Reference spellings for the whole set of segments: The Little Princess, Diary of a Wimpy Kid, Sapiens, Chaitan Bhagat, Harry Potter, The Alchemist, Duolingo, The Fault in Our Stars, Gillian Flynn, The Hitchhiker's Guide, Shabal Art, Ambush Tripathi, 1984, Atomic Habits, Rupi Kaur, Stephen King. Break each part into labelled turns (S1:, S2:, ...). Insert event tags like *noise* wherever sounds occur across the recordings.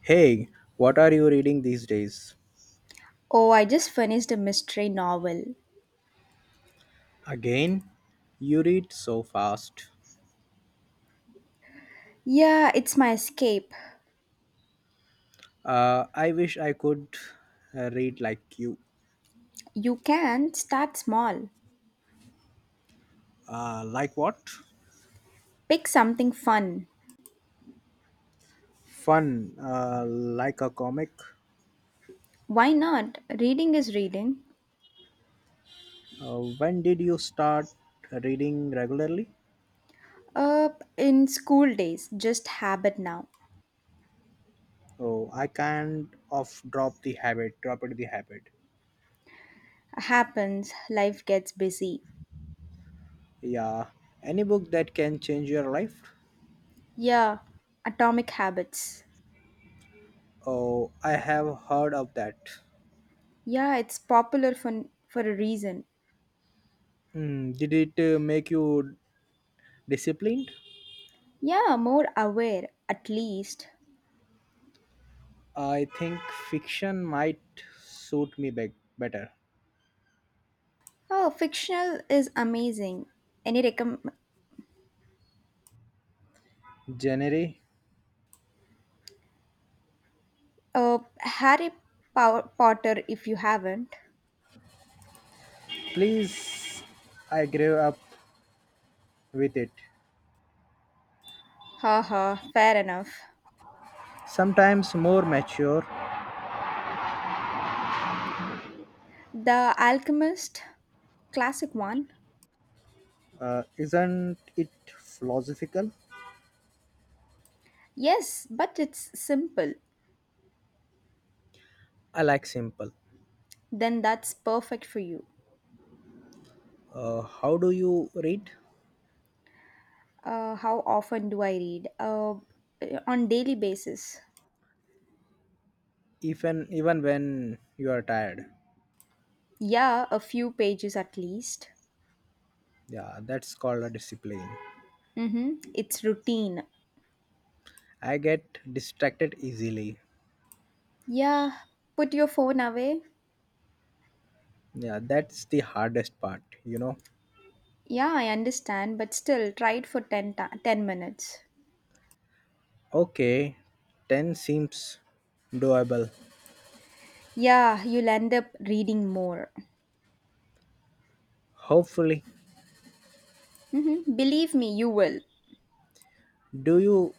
S1: Hey, what are you reading these days?
S2: Oh, I just finished a mystery novel.
S1: Again? You read so fast.
S2: Yeah, it's my escape.
S1: I wish I could read like you.
S2: You can start small.
S1: Like what?
S2: Pick something fun.
S1: Fun, like a comic.
S2: Why not? Reading is reading.
S1: When did you start reading regularly?
S2: Uh, in school days, just habit now.
S1: Oh, I can't off drop the habit, drop it the habit.
S2: Happens, life gets busy.
S1: Yeah, any book that can change your life?
S2: Yeah, Atomic Habits.
S1: Oh, I have heard of that.
S2: Yeah, it's popular for a reason.
S1: Mm, did it make you disciplined?
S2: Yeah, more aware, at least.
S1: I think fiction might suit me better.
S2: Oh, fictional is amazing. Any recommend?
S1: Genre,
S2: Harry Potter, if you haven't.
S1: please, I grew up with it.
S2: Haha, fair enough.
S1: Sometimes more mature.
S2: The Alchemist, classic one.
S1: Isn't it philosophical?
S2: Yes, but it's simple.
S1: I like simple.
S2: Then that's perfect for you.
S1: How do you read?
S2: How often do I read? On daily basis.
S1: Even when you are tired.
S2: Yeah, a few pages at least.
S1: Yeah, that's called a discipline.
S2: Mm-hmm. It's routine.
S1: I get distracted easily.
S2: Yeah, put your phone away.
S1: Yeah, that's the hardest part,
S2: Yeah, I understand, but still, try it for 10 minutes.
S1: Okay, 10 seems doable.
S2: Yeah, you'll end up reading more.
S1: Hopefully.
S2: Mhm. Believe me, you will.
S1: Do you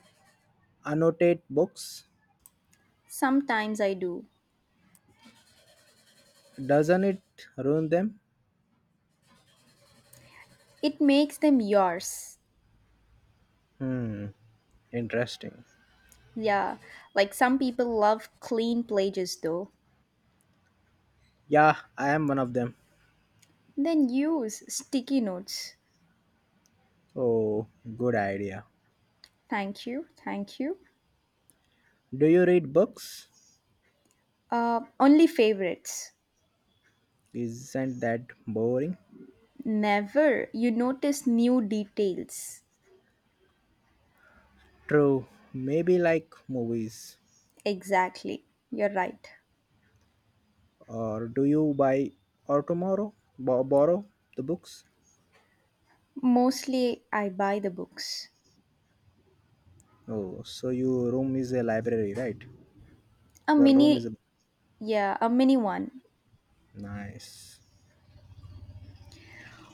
S1: annotate books?
S2: Sometimes I do.
S1: Doesn't it ruin them?
S2: It makes them yours.
S1: Hmm. Interesting.
S2: Yeah, like some people love clean pages though.
S1: Yeah, I am one of them.
S2: Then use sticky notes.
S1: Oh, good idea.
S2: Thank you, thank you.
S1: Do you read books?
S2: Only favorites.
S1: Isn't that boring?
S2: Never you notice new details.
S1: True. Maybe like movies.
S2: Exactly, you're right.
S1: Or do you buy or tomorrow borrow the books?
S2: Mostly I buy the books.
S1: Oh, so your room is a library, right?
S2: A
S1: Your room is a
S2: mini, yeah, a mini one.
S1: nice.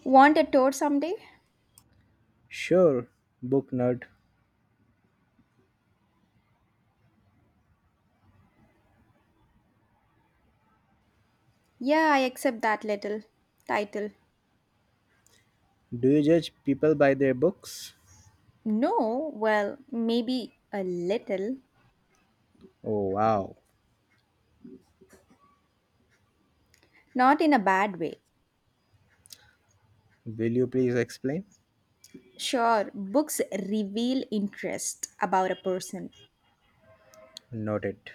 S2: Want a tour someday?
S1: Sure, book nerd.
S2: Yeah, I accept that little title.
S1: Do you judge people by their books?
S2: No, well, maybe a little.
S1: Oh, wow.
S2: Not in a bad way.
S1: Will you please explain?
S2: Sure, books reveal interest about a person.
S1: Noted.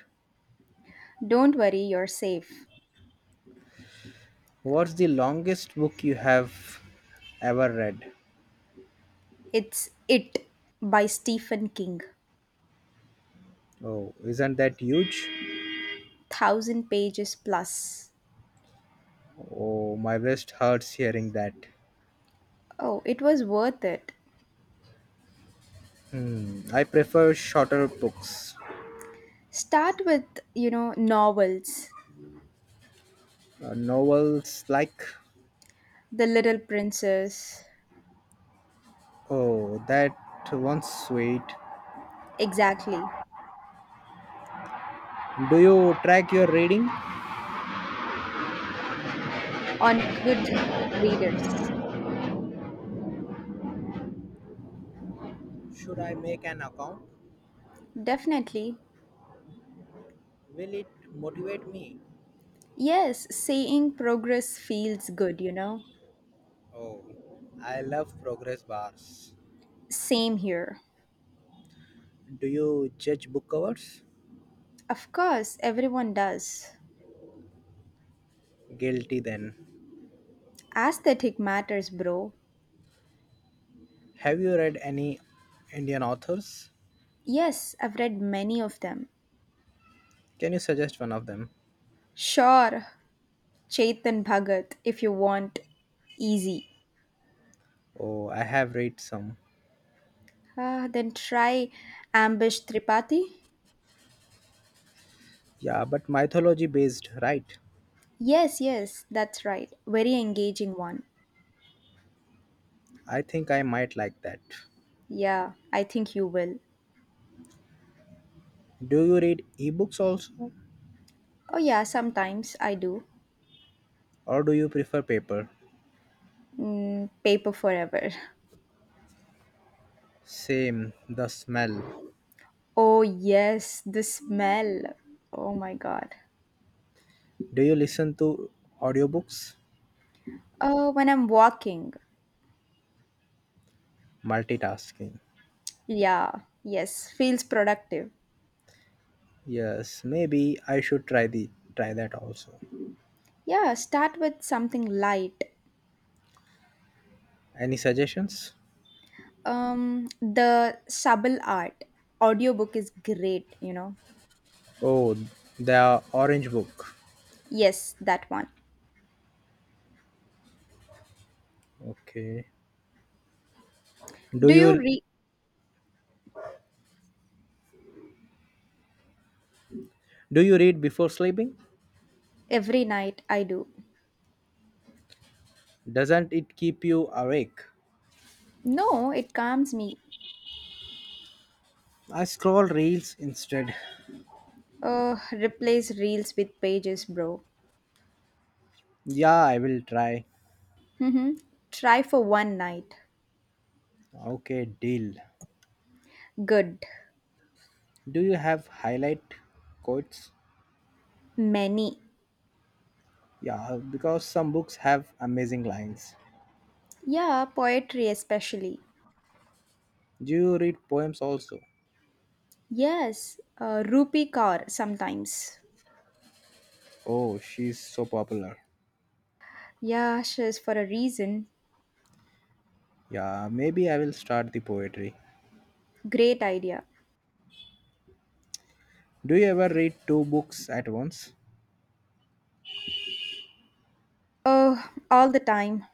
S2: Don't worry, you're safe.
S1: What's the longest book you have ever read?
S2: It's It by Stephen King.
S1: Oh, isn't that huge?
S2: Thousand pages plus.
S1: Oh, my wrist hurts hearing that.
S2: Oh, it was worth it.
S1: Hmm, I prefer shorter books.
S2: Start with novels.
S1: Novels like.
S2: The Little Princess.
S1: Oh, that one's sweet.
S2: Exactly.
S1: Do you track your reading?
S2: On good readers.
S1: Should I make an account?
S2: Definitely.
S1: Will it motivate me?
S2: Yes, seeing progress feels good.
S1: Oh, I love progress bars.
S2: Same here.
S1: Do you judge book covers?
S2: Of course, everyone does.
S1: Guilty then.
S2: Aesthetic matters, bro.
S1: Have you read any Indian authors?
S2: Yes, I've read many of them.
S1: Can you suggest one of them?
S2: Sure, Chaitan Bhagat if you want. Easy.
S1: Oh, I have read some.
S2: Ah, then try Ambush Tripathi.
S1: Yeah, but mythology based, right?
S2: Yes, yes, that's right. Very engaging one.
S1: I think I might like that.
S2: Yeah, I think you will.
S1: Do you read ebooks also?
S2: Oh, yeah, sometimes I do.
S1: Or do you prefer paper?
S2: Mm, paper forever. *laughs*
S1: Same, the smell.
S2: Oh, yes, the smell. Oh my god.
S1: Do you listen to audiobooks?
S2: Oh, when I'm walking.
S1: Multitasking.
S2: Yeah, yes, feels productive.
S1: Yes, maybe I should try the try that also.
S2: Yeah, start with something light.
S1: Any suggestions?
S2: The Shabal Art audiobook is great.
S1: Oh, the orange book.
S2: Yes, that one.
S1: Okay. Do
S2: Do you
S1: you
S2: read
S1: do you read before sleeping?
S2: every night? I do.
S1: Doesn't it keep you awake?
S2: No, it calms me.
S1: I scroll reels instead.
S2: Replace reels with pages, bro.
S1: Yeah, I will try.
S2: Mm-hmm. Try for one night.
S1: Okay, deal.
S2: Good.
S1: Do you have highlight quotes?
S2: Many.
S1: Yeah, because some books have amazing lines.
S2: Yeah, poetry especially.
S1: Do you read poems also?
S2: Yes, Rupi Kaur sometimes.
S1: Oh, she's so popular.
S2: Yeah, she's for a reason.
S1: Yeah, maybe I will start the poetry.
S2: Great idea.
S1: Do you ever read two books at once?
S2: Oh, all the time.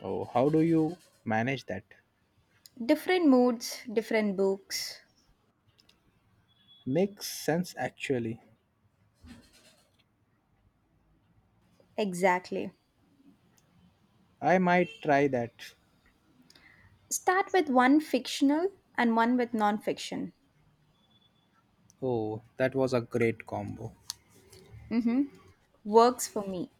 S1: Oh, how do you manage that?
S2: Different moods, different books.
S1: Makes sense actually.
S2: Exactly.
S1: I might try that.
S2: Start with one fictional and one with non-fiction.
S1: Oh, that was a great combo.
S2: Mm-hmm. Works for me.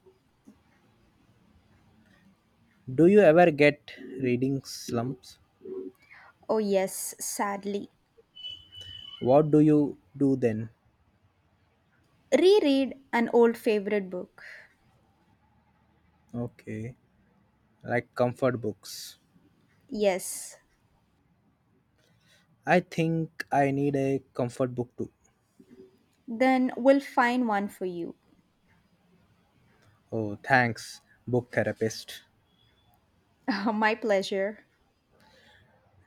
S1: Do you ever get reading slumps?
S2: Oh, yes, sadly.
S1: What do you do then?
S2: Reread an old favorite book.
S1: Okay, like comfort books.
S2: Yes.
S1: I think I need a comfort book too.
S2: Then we'll find one for you.
S1: Oh, thanks, book therapist.
S2: *laughs* My pleasure.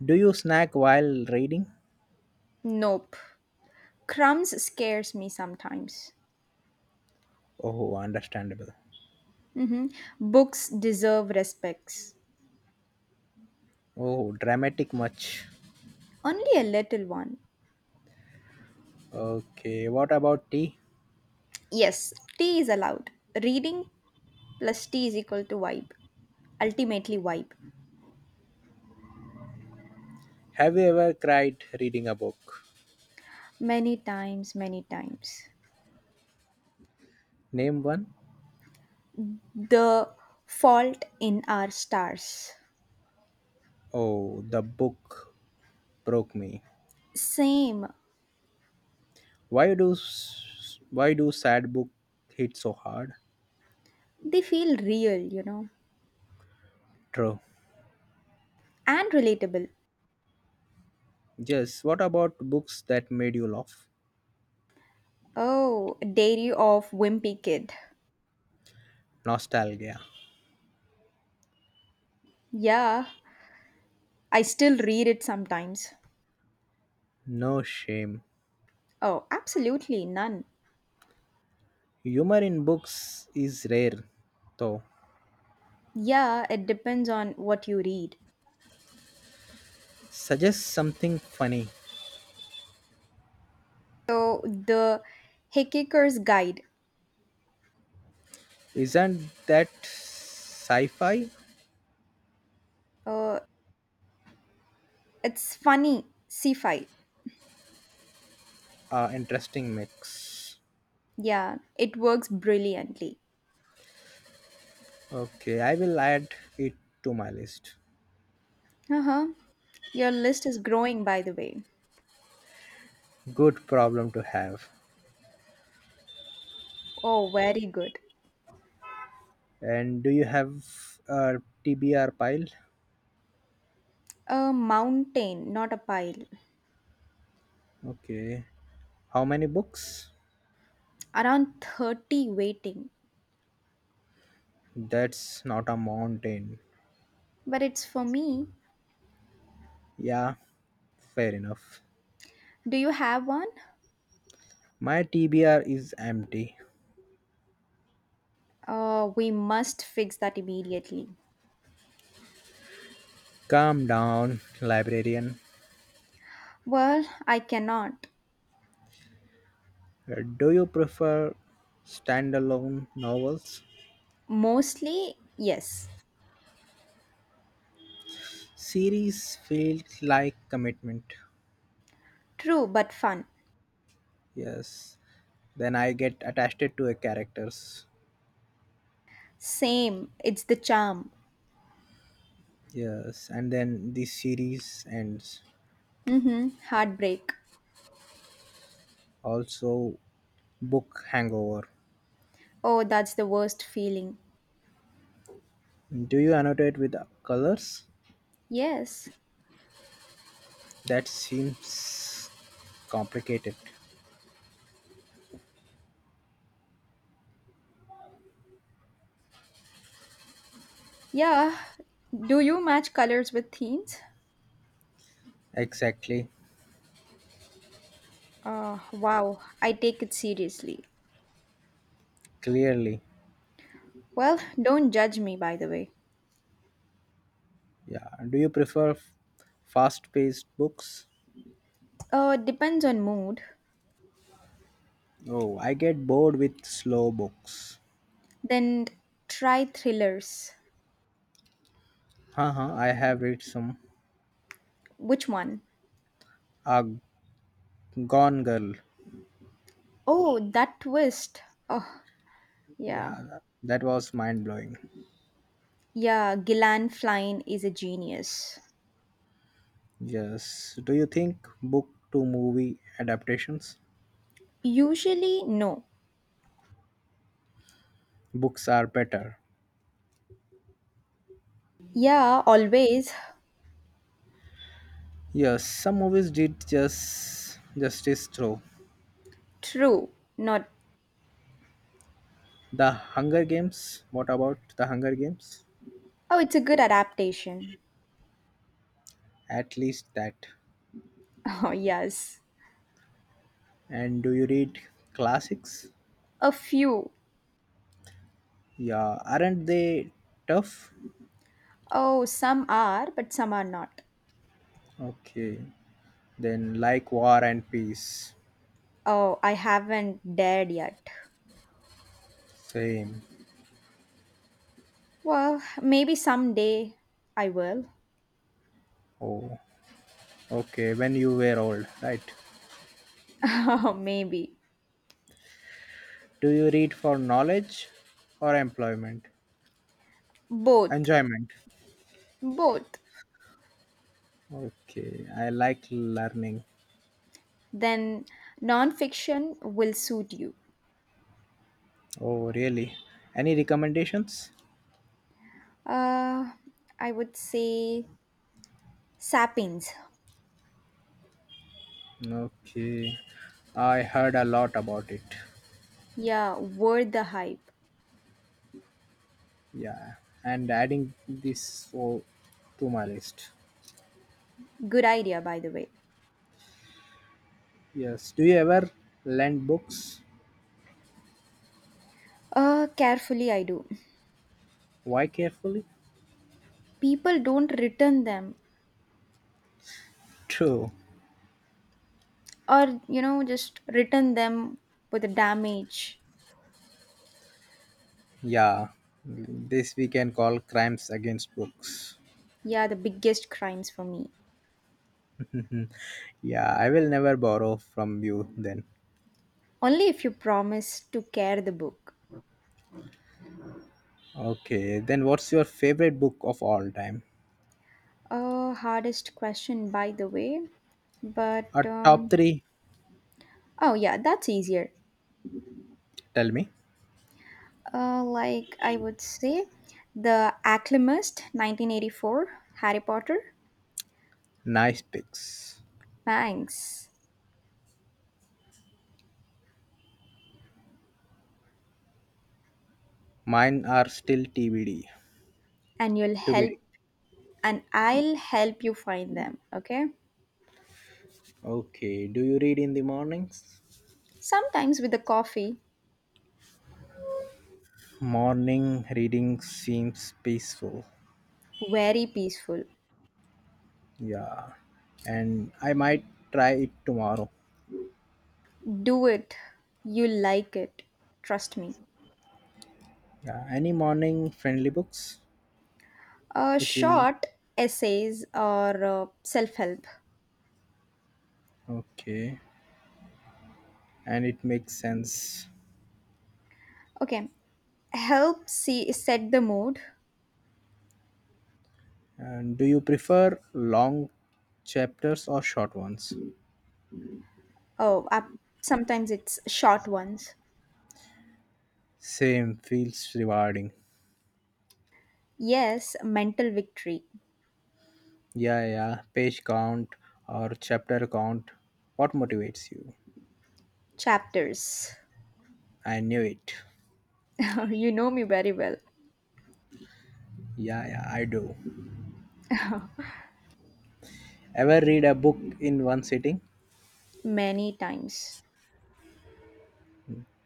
S1: Do you snack while reading?
S2: Nope. Crumbs scares me sometimes.
S1: Oh, understandable.
S2: Mm-hmm. Books deserve respects.
S1: Oh, dramatic much.
S2: Only a little one.
S1: Okay, what about tea?
S2: Yes, tea is allowed. Reading plus tea is equal to vibe. Ultimately, vibe.
S1: Have you ever cried reading a book?
S2: Many times, many times.
S1: Name one?
S2: The fault in our stars.
S1: Oh, the book broke me.
S2: Same.
S1: Why do sad book hit so hard?
S2: They feel real
S1: True.
S2: and relatable.
S1: Yes. What about books that made you laugh?
S2: Oh, Diary of Wimpy Kid.
S1: Nostalgia.
S2: Yeah, I still read it sometimes.
S1: No shame.
S2: Oh, absolutely none.
S1: Humor in books is rare, though.
S2: Yeah, it depends on what you read.
S1: Suggest something funny.
S2: So, the Hickey's Guide.
S1: Isn't that sci-fi?
S2: Uh, It's funny, sci-fi.
S1: Interesting mix.
S2: Yeah, it works brilliantly.
S1: Okay, I will add it to my list.
S2: Uh-huh. Your list is growing, by the way.
S1: Good problem to have.
S2: Oh, very good.
S1: And do you have a TBR pile?
S2: A mountain, not a pile.
S1: Okay. How many books?
S2: Around 30 waiting.
S1: That's not a mountain.
S2: But it's for me.
S1: Yeah, fair enough.
S2: Do you have one?
S1: My TBR is empty.
S2: We must fix that immediately.
S1: Calm down, librarian.
S2: Well, I cannot.
S1: Do you prefer standalone novels?
S2: Mostly, yes.
S1: Series feels like commitment.
S2: True, but fun.
S1: Yes. Then I get attached to a characters.
S2: Same. It's the charm.
S1: Yes, and then the series ends.
S2: Mm-hmm. Heartbreak.
S1: Also, book hangover.
S2: Oh, that's the worst feeling.
S1: Do you annotate with colors?
S2: Yes.
S1: That seems complicated.
S2: Yeah. Do you match colors with themes?
S1: Exactly.
S2: Wow, I take it seriously.
S1: Clearly.
S2: Well, don't judge me, by the way.
S1: Yeah. Do you prefer fast paced books?
S2: Depends on mood.
S1: Oh, I get bored with slow books.
S2: Then try thrillers.
S1: Haha, I have read some.
S2: Which one?
S1: Ah, Gone Girl.
S2: Oh, that twist. Oh, yeah.
S1: Yeah, that was mind blowing.
S2: Yeah, Gillan Flynn is a genius.
S1: Yes. Do you think book to movie adaptations?
S2: Usually, no.
S1: Books are better.
S2: Yeah, always.
S1: Yes, some movies did just justice through.
S2: True. Not.
S1: The Hunger Games. What about the Hunger Games?
S2: Oh, it's a good adaptation.
S1: At least that.
S2: *laughs* Oh, yes.
S1: And do you read classics?
S2: A few.
S1: Yeah, aren't they tough?
S2: Oh, some are, but some are not.
S1: Okay, then like War and Peace.
S2: Oh, I haven't dared yet.
S1: Same.
S2: Well, maybe someday I will.
S1: Oh, okay, when you were old, right?
S2: *laughs* Maybe.
S1: Do you read for knowledge or employment?
S2: Both.
S1: Enjoyment.
S2: Both.
S1: Okay, I like learning.
S2: Then nonfiction will suit you.
S1: Oh, really? Any recommendations?
S2: Uh, I would say Sapiens.
S1: Okay, I heard a lot about it.
S2: Yeah, worth the hype.
S1: Yeah, and adding this so to my list.
S2: Good idea, by the way.
S1: Yes, do you ever lend books?
S2: Carefully, I do.
S1: Why carefully?
S2: People don't return them,
S1: True.
S2: or just return them with the damage.
S1: Yeah, this we can call crimes against books.
S2: Yeah, the biggest crimes for me.
S1: Mhm. Yeah, I will never borrow from you then.
S2: Only if you promise to care the book.
S1: Okay, then what's your favorite book of all time?
S2: Hardest question, by the way. But
S1: A top three.
S2: oh yeah, that's easier.
S1: Tell me.
S2: Like I would say, the Acclimist, 1984, Harry Potter.
S1: Nice picks.
S2: Thanks,
S1: Mine are still TBD.
S2: and you'll help,
S1: TBD.
S2: and I'll help you find them. Okay.
S1: Okay, do you read in the mornings?
S2: Sometimes with a coffee,
S1: Morning reading seems peaceful.
S2: very peaceful.
S1: Yeah, and I might try it tomorrow.
S2: Do it. You like it. Trust me.
S1: Yeah, any morning friendly books? Which will.
S2: Short essays or self help.
S1: Okay, and it makes sense.
S2: Okay, help see set the mood.
S1: And do you prefer long chapters or short ones?
S2: Oh, up. Sometimes it's short ones.
S1: Same, feels rewarding.
S2: Yes, mental victory
S1: Yeah, yeah, page count or chapter count, what motivates you?
S2: chapters.
S1: I knew it.
S2: *laughs* You know me very well.
S1: Yeah, yeah, I do.
S2: *laughs*
S1: Ever read a book in one sitting?
S2: Many times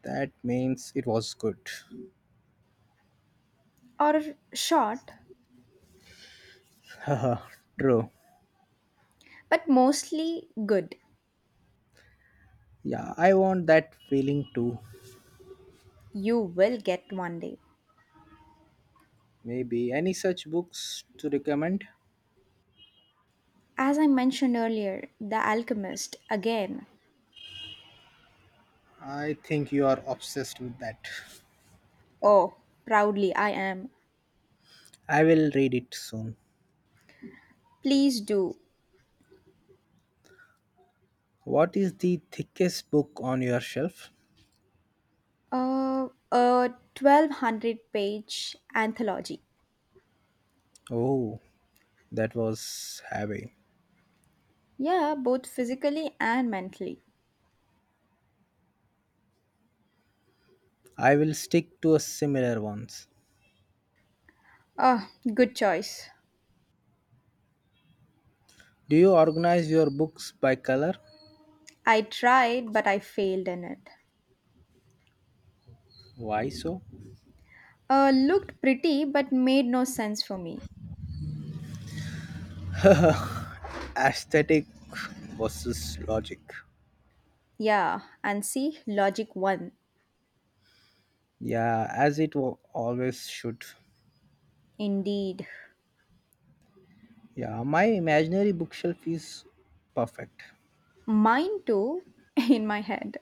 S1: That means it was good.
S2: or short,
S1: *laughs* Haha, true.
S2: but mostly good.
S1: Yeah, I want that feeling too.
S2: You will get one day.
S1: Maybe any such books to recommend?
S2: As I mentioned earlier, The Alchemist again.
S1: I think you are obsessed with that.
S2: Oh, proudly I am.
S1: I will read it soon.
S2: Please do.
S1: What is the thickest book on your shelf?
S2: A 1200 page anthology.
S1: Oh, that was heavy.
S2: Yeah, both physically and mentally.
S1: I will stick to a similar ones.
S2: Ah, good choice.
S1: Do you organize your books by color?
S2: I tried, but I failed in it.
S1: Why so?
S2: Looked pretty, but made no sense for me.
S1: Aesthetic versus logic.
S2: Yeah, and see, logic one.
S1: Yeah, as it always should.
S2: Indeed.
S1: Yeah, my imaginary bookshelf is perfect.
S2: Mine too, *laughs* in my head.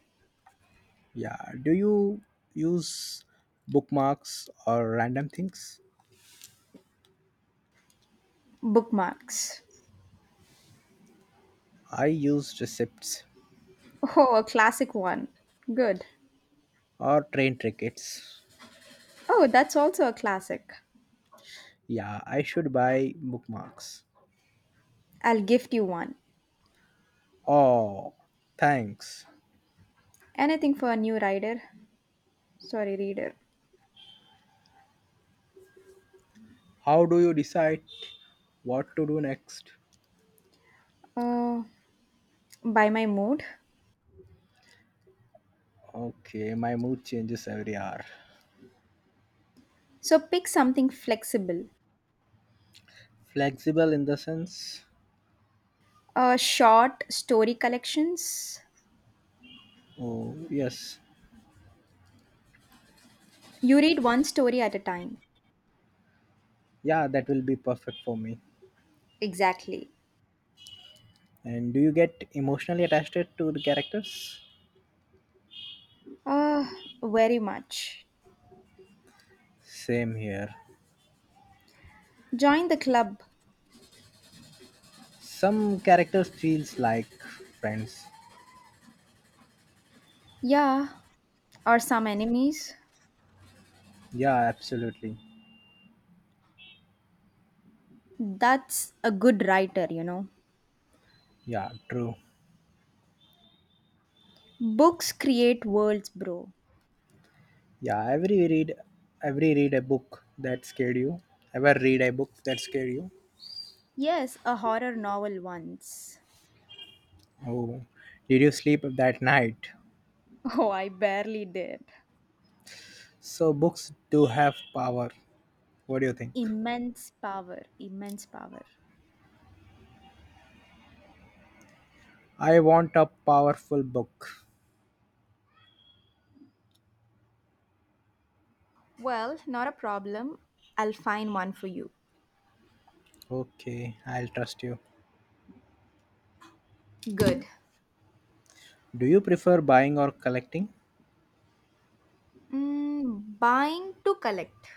S1: Yeah, do you use bookmarks or random things?
S2: Bookmarks.
S1: I use receipts
S2: Oh, a classic one. Good.
S1: or train tickets.
S2: Oh, that's also a classic.
S1: Yeah, I should buy bookmarks.
S2: I'll gift you one.
S1: Oh, thanks.
S2: Anything for a new rider? Sorry, reader.
S1: How do you decide what to do next?
S2: Uh, by my mood.
S1: Okay, my mood changes every hour.
S2: So pick something flexible.
S1: Flexible in the sense?
S2: Short story collections.
S1: Oh, yes.
S2: You read one story at a time.
S1: Yeah, that will be perfect for me.
S2: Exactly.
S1: And do you get emotionally attached to the characters?
S2: Uh, Very much.
S1: Same here.
S2: Join the club.
S1: Some characters feels like friends.
S2: Yeah, or some enemies.
S1: Yeah, absolutely.
S2: That's a good writer.
S1: Yeah, true.
S2: Books create worlds, bro.
S1: Yeah, every read every read a book that scared you? Ever read a book that scared you?
S2: Yes, a horror novel once.
S1: Oh, did you sleep that night?
S2: *laughs* Oh, I barely did.
S1: So books do have power. What do you think?
S2: Immense power, immense power.
S1: I want a powerful book.
S2: Well, not a problem. I'll find one for you.
S1: Okay, I'll trust you.
S2: Good.
S1: Do you prefer buying or collecting?
S2: Mm, buying to collect.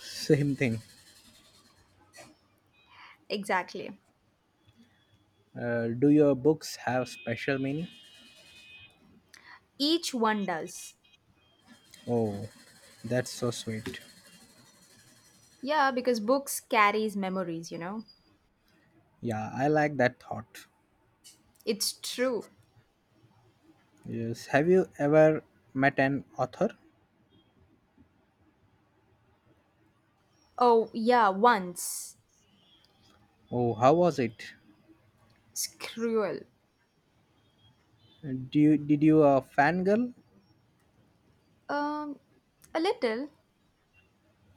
S1: *laughs* Same thing.
S2: Exactly.
S1: Do your books have special meaning?
S2: Each one does.
S1: Oh, that's so sweet.
S2: Yeah, because books carries memories.
S1: Yeah, I like that thought.
S2: It's true.
S1: Yes. Have you ever met an author?
S2: Oh, yeah, once.
S1: Oh, how was it?
S2: It's cruel.
S1: Do you did you a fangirl?
S2: Um, a little.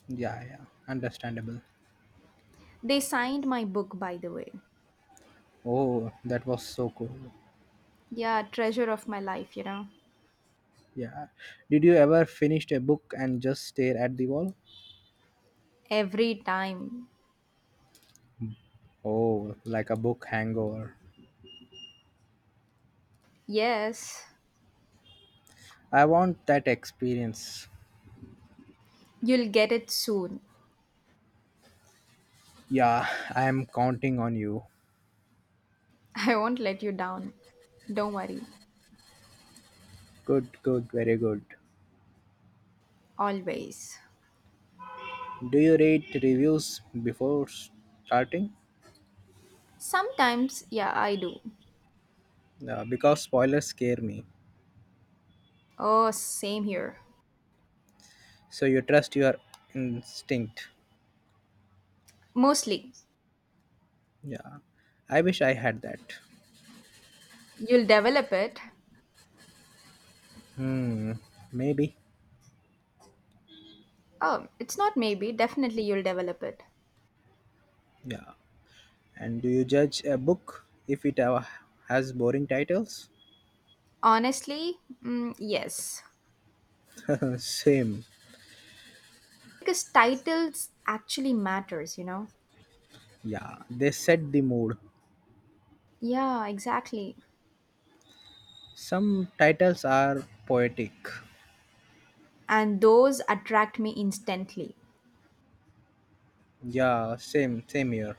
S1: Yeah, yeah, understandable.
S2: They signed my book, by the way.
S1: Oh, that was so cool.
S2: Yeah, treasure of my life.
S1: Yeah. Did you ever finish a book and just stare at the wall?
S2: Every time.
S1: Oh, like a book hangover.
S2: Yes,
S1: I want that experience.
S2: you'll get it soon.
S1: Yeah, *laughs* I am counting on you.
S2: *laughs* I won't let you down. Don't worry.
S1: Good, good, very good.
S2: Always.
S1: Do you read reviews before starting?
S2: Sometimes, yeah, I do.
S1: Because spoilers scare me.
S2: Oh, same here.
S1: So you trust your instinct.
S2: Mostly.
S1: Yeah. I wish I had that.
S2: You'll develop it.
S1: Hmm. Maybe.
S2: Oh, it's not maybe, definitely you'll develop it.
S1: Yeah. And do you judge a book if it has boring titles?
S2: Honestly, mm, yes.
S1: *laughs* Same.
S2: Because titles actually matters.
S1: Yeah. They set the mood.
S2: Yeah, exactly.
S1: Some titles are poetic.
S2: And those attract me instantly.
S1: Yeah. Same. Same here.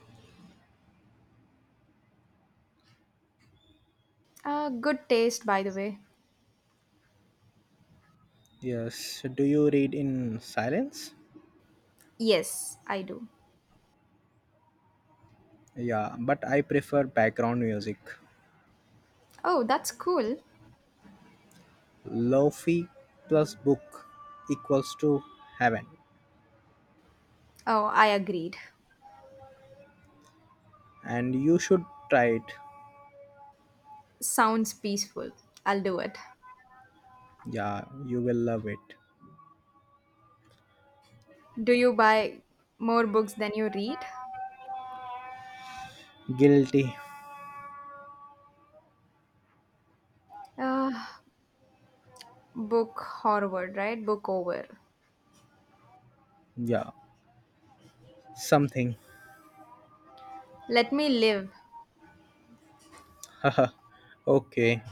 S2: Good taste, by the way.
S1: Yes. Do you read in silence?
S2: Yes, I do.
S1: Yeah, but I prefer background music.
S2: Oh, that's cool.
S1: Lofi plus book equals to heaven.
S2: Oh, I agreed.
S1: And you should try it.
S2: Sounds peaceful. I'll do it.
S1: Yeah, you will love it.
S2: Do you buy more books than you read?
S1: Guilty.
S2: Uh, Book forward, right? Book over.
S1: Yeah, something.
S2: Let me live.
S1: *laughs* Okay.